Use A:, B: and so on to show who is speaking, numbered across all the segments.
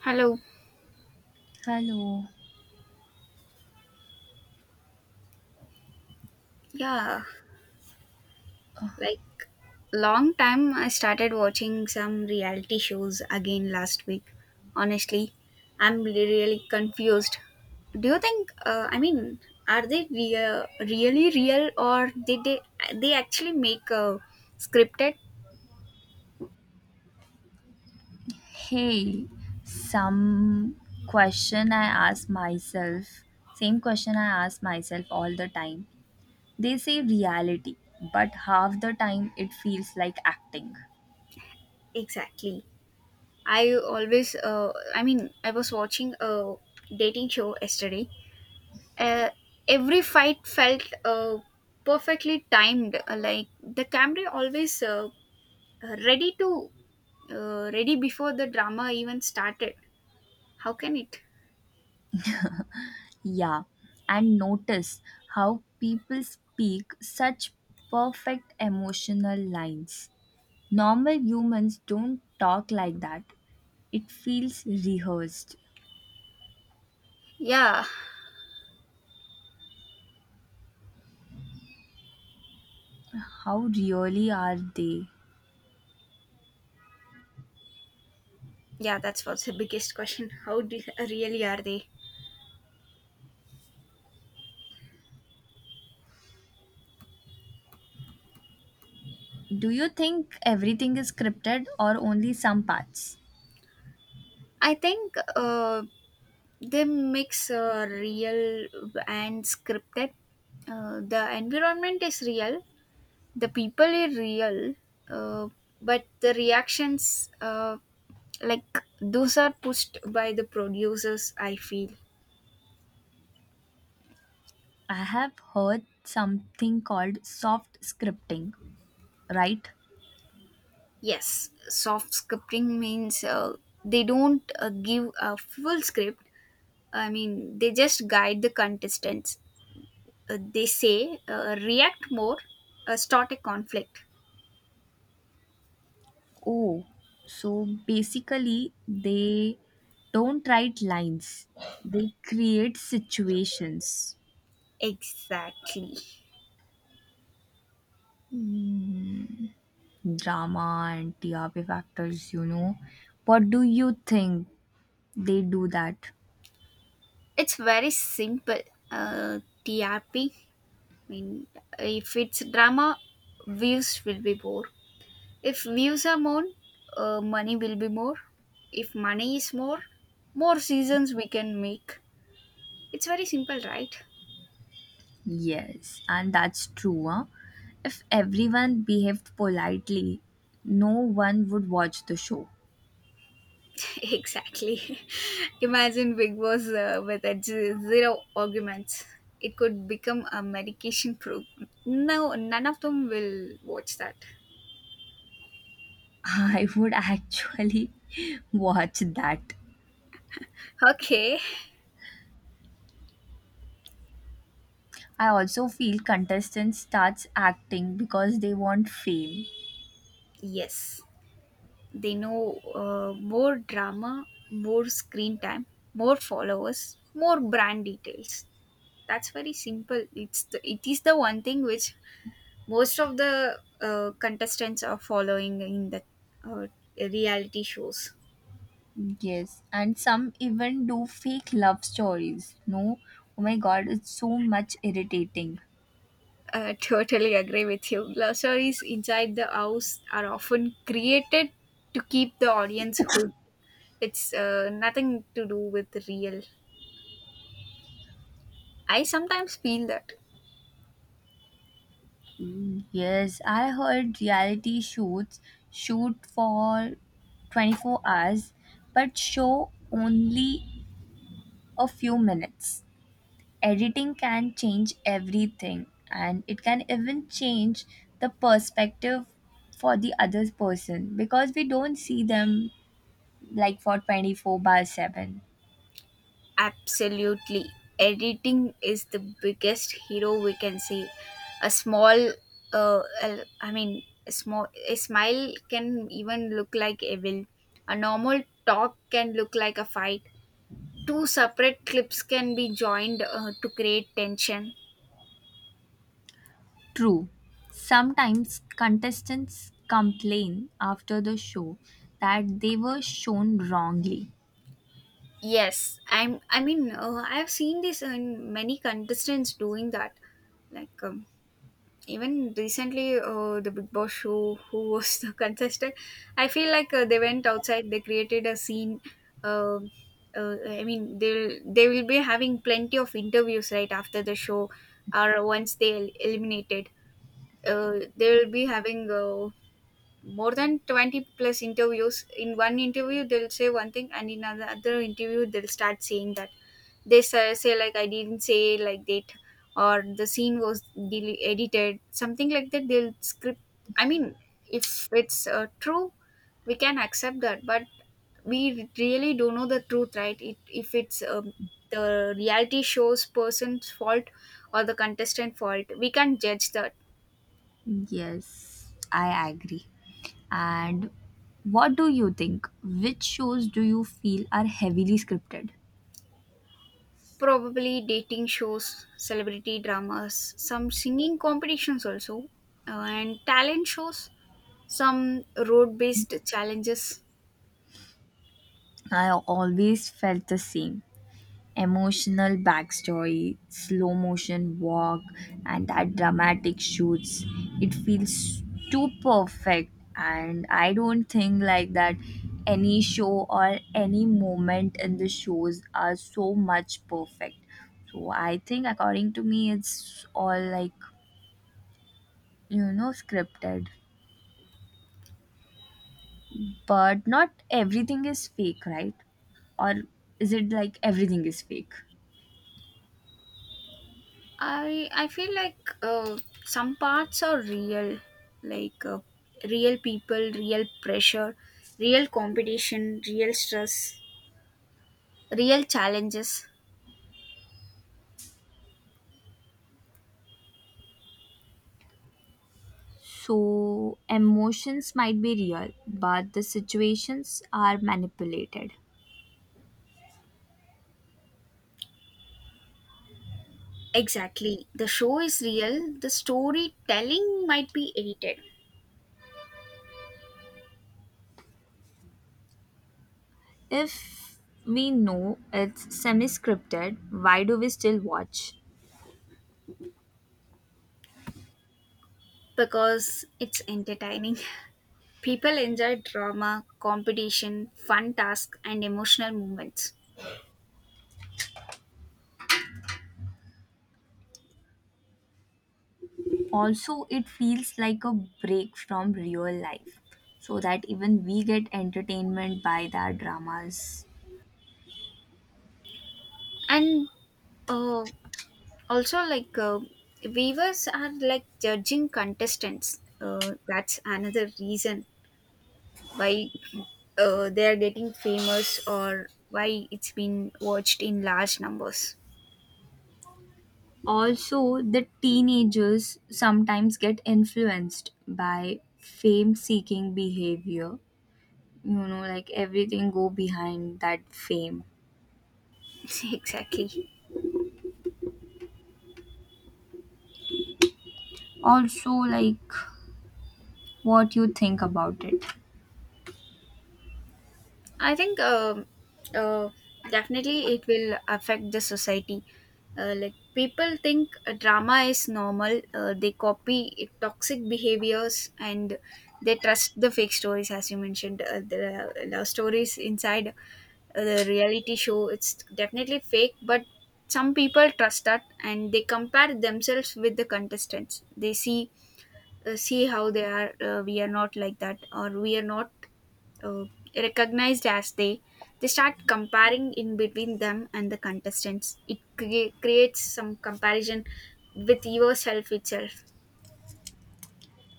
A: Hello.
B: Hello.
A: Yeah, like long time I started watching some reality shows again last week. Honestly, I'm really confused. Do you think, I mean, are they really real, or did they actually make a scripted.
B: Hey, some question I ask myself, same question I ask myself all the time. They say reality, but half the time it feels like acting.
A: Exactly. I always, I mean, I was watching a dating show yesterday. uh, every fight felt, perfectly timed, like the camera always, ready to, ready before the drama even started. How can it.
B: Yeah, and notice how people speak such perfect emotional lines. Normal humans don't talk like that. It feels rehearsed.
A: Yeah,
B: How really are they?
A: yeah, that's what's the biggest question. How do, really are they.
B: Do you think everything is scripted or only some parts?
A: I think, they mix, real and scripted. The environment is real, the people are real, uh, but the reactions, like, those are pushed by the producers, I feel.
B: I have heard something called soft scripting, right?
A: Yes, soft scripting means, they don't, give a full script. I mean, they just guide the contestants. They say, react more, start a conflict.
B: Oh, so basically they don't write lines, they create situations,
A: Exactly.
B: drama and TRP factors, you know. What do you think they do that?
A: It's very simple. uh, TRP. I mean, if it's drama, views will be more. If views are more, money will be more. If money is more, more seasons we can make. It's very simple, right?
B: Yes, and that's true. Huh? If everyone behaved politely, no one would watch the show.
A: Exactly. Imagine Big Boss, with zero arguments. It could become a medication program. No, none of them will watch that.
B: I would actually watch that.
A: Okay.
B: I also feel contestants starts acting because they want fame.
A: Yes. They know, more drama, more screen time, more followers, more brand details. That's very simple. It is the one thing which most of the contestants are following in the uh, reality shows.
B: Yes, and some even do fake love stories. No, oh my god, it's so much irritating.
A: I totally agree with you. Love stories inside the house are often created to keep the audience hooked. It's, nothing to do with real. I sometimes feel that.
B: Mm, yes, I heard reality shoots shoot for 24 hours but show only a few minutes. Editing can change everything and it can even change the perspective for the other person because we don't see them like for 24 by 7.
A: Absolutely. Editing is the biggest hero, we can say. A small, I mean, a smile can even look like evil. A normal talk can look like a fight. Two separate clips can be joined, to create tension.
B: True. Sometimes contestants complain after the show that they were shown wrongly.
A: Yes, I mean, I've seen this in many contestants doing that. Like, even recently, the Big Boss show, who was the contestant. I feel like, they went outside, they created a scene. uh, I mean, they will be having plenty of interviews right after the show, or once they eliminated. They will be having, more than 20 plus interviews. In one interview they'll say one thing, and in another interview they'll start saying that they say like, I didn't say like that, or the scene was edited, something like that they'll script. I mean, if it's, true, we can accept that, but we really don't know the truth, right? If it's, the reality show's person's fault or the contestant fault, we can't judge that.
B: Yes, I agree. And what do you think? Which shows do you feel are heavily scripted?
A: Probably dating shows, celebrity dramas, some singing competitions also, and talent shows, some road based challenges.
B: I always felt the same. Emotional backstory, slow motion walk, and that dramatic shoots. It feels too perfect, and I don't think like that any show or any moment in the shows are so much perfect. So I think, according to me, it's all like, you know, scripted. But not everything is fake, right? Or is it like everything is fake?
A: I feel like, some parts are real, like, real people, real pressure, real competition, real stress, real challenges.
B: So, emotions might be real, but the situations are manipulated.
A: Exactly. The show is real. The storytelling might be edited,
B: If we know it's semi scripted, why do we still watch?
A: because it's entertaining. People enjoy drama, competition, fun tasks, and emotional moments.
B: Also, it feels like a break from real life so that even we get entertainment by their dramas.
A: And, uh, also, like, viewers are like judging contestants, that's another reason why, they are getting famous, or why it's been watched in large numbers.
B: Also, the teenagers sometimes get influenced by fame seeking behavior. You know, like everything go behind that fame.
A: Exactly.
B: Also, like what you think about it.
A: I think, uh, definitely it will affect the society. Like, people think, drama is normal. They copy toxic behaviors, and they trust the fake stories, as you mentioned. The love stories inside, the reality show. It's definitely fake, but some people trust that, and they compare themselves with the contestants. They see how they are. We are not like that, or we are not, uh, recognized as they start comparing in between them and the contestants. It creates some comparison with yourself itself.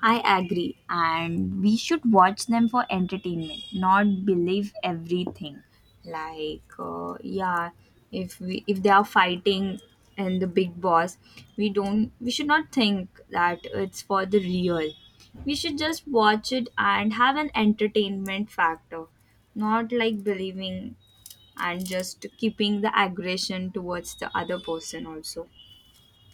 B: I agree, and we should watch them for entertainment, not believe everything. Like, yeah, if they are fighting and the big boss, we should not think that it's for the real. We should just watch it and have an entertainment factor, not like believing and just keeping the aggression towards the other person also.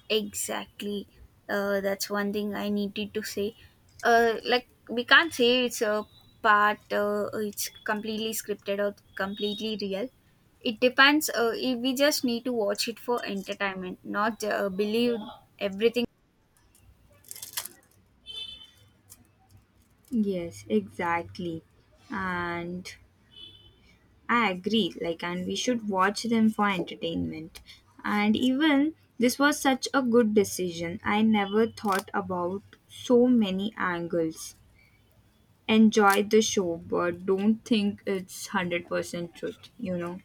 A: Exactly. That's one thing I needed to say. Like, we can't say it's a part, it's completely scripted or completely real. It depends. If we just need to watch it for entertainment, not, believe everything.
B: Yes, exactly. And I agree, like, and we should watch them for entertainment. And even this was such a good decision. I never thought about so many angles. Enjoy the show, but don't think it's 100% truth, you know.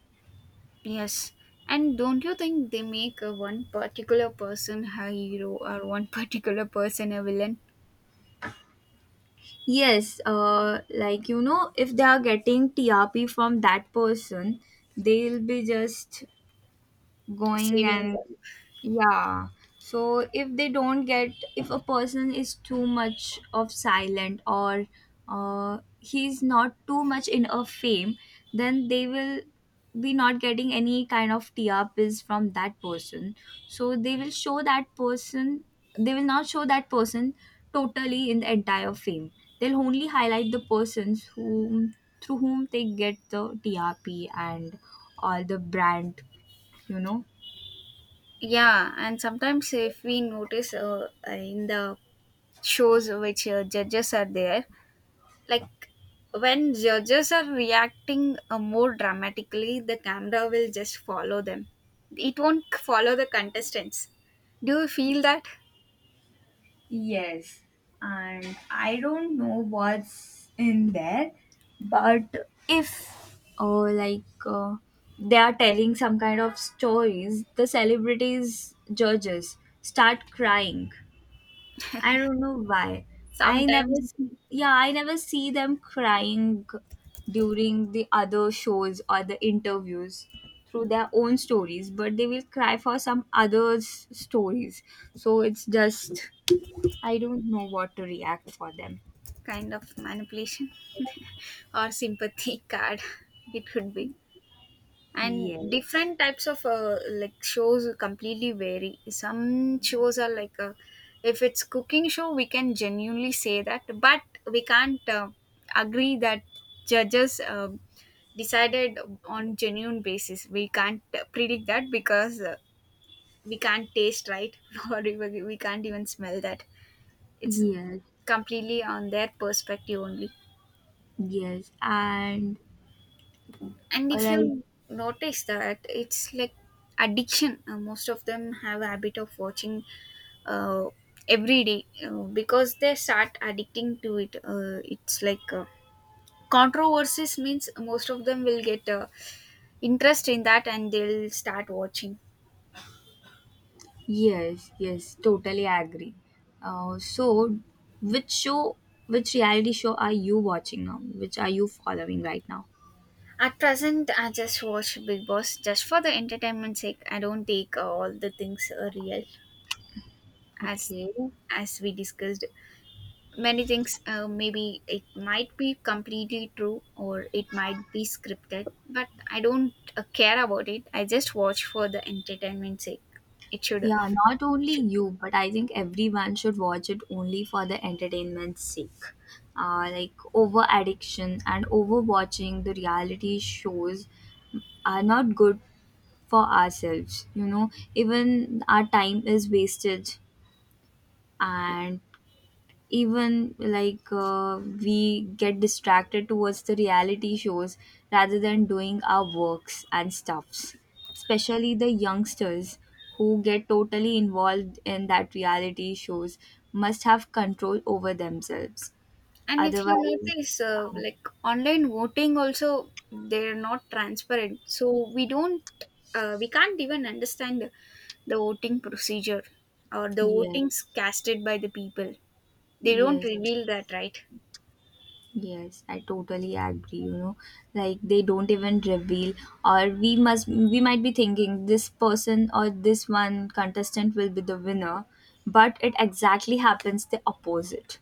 A: Yes. And don't you think they make a one particular person a hero, or one particular person a villain,
B: Yes, like, you know, if they are getting TRP from that person, they'll be just going
A: saving
B: and
A: them?
B: yeah. So if they don't get, if a person is too much of silent or he's not too much in a fame, then they will be not getting any kind of TRPs from that person. So they will not show that person totally in the entire fame. They'll only highlight the persons whom through whom they get the TRP and all the brand, you know.
A: Yeah, and sometimes if we notice, in the shows which, judges are there, like, when judges are reacting, more dramatically, the camera will just follow them. It won't follow the contestants. Do you feel that
B: Yes, and I don't know what's in there, but if they are telling some kind of stories, the celebrities judges start crying. I don't know why. I never
A: sometimes?
B: see, yeah, I never see them crying during the other shows or the interviews through their own stories, but they will cry for some others' stories. So it's just I don't know what to react for them.
A: Kind of manipulation, or sympathy card, it could be. And
B: Yes,
A: different types of, like, shows completely vary. Some shows are like, if it's cooking show, we can genuinely say that. But we can't, agree that judges, decided on genuine basis. We can't, predict that because, we can't taste, right? Or we can't even smell that. It's
B: yes,
A: completely on their perspective only.
B: yes, and
A: And
B: uh,
A: if
B: like
A: you notice that, it's like addiction. Most of them have a habit of watching, uh, every day, because they start addicting to it. It's like, controversies means most of them will get, interest in that, and they'll start watching.
B: yes, yes, totally agree. So, which show, which reality show are you watching now? Which are you following right now?
A: At present I just watch Big Boss just for the entertainment sake. I don't take, all the things, real. As
B: Okay.
A: we discussed many things, maybe it might be completely true, or it might be scripted. But I don't, care about it. I just watch for the entertainment sake. it should, it
B: Yeah, not only
A: should.
B: you, but I think everyone should watch it only for the entertainment's sake. Like over addiction and over watching the reality shows are not good for ourselves, you know. Even our time is wasted, and even like we get distracted towards the reality shows rather than doing our works and stuffs, especially the youngsters who get totally involved in that reality shows must have control over themselves
A: And if you
B: otherwise.
A: notice,
B: um,
A: like, online voting also, they're not transparent, so we can't even understand the voting procedure, or the
B: yes,
A: votings casted by the people. They don't
B: yes.
A: reveal that, right?
B: Yes, I totally agree. You know, like they don't even reveal, or we might be thinking this person or this one contestant will be the winner, but it exactly happens the opposite.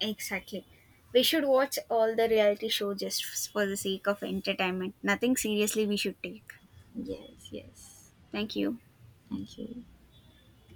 A: Exactly. We should watch all the reality show just for the sake of entertainment. Nothing seriously we should take.
B: Yes, yes.
A: Thank you.
B: Thank you.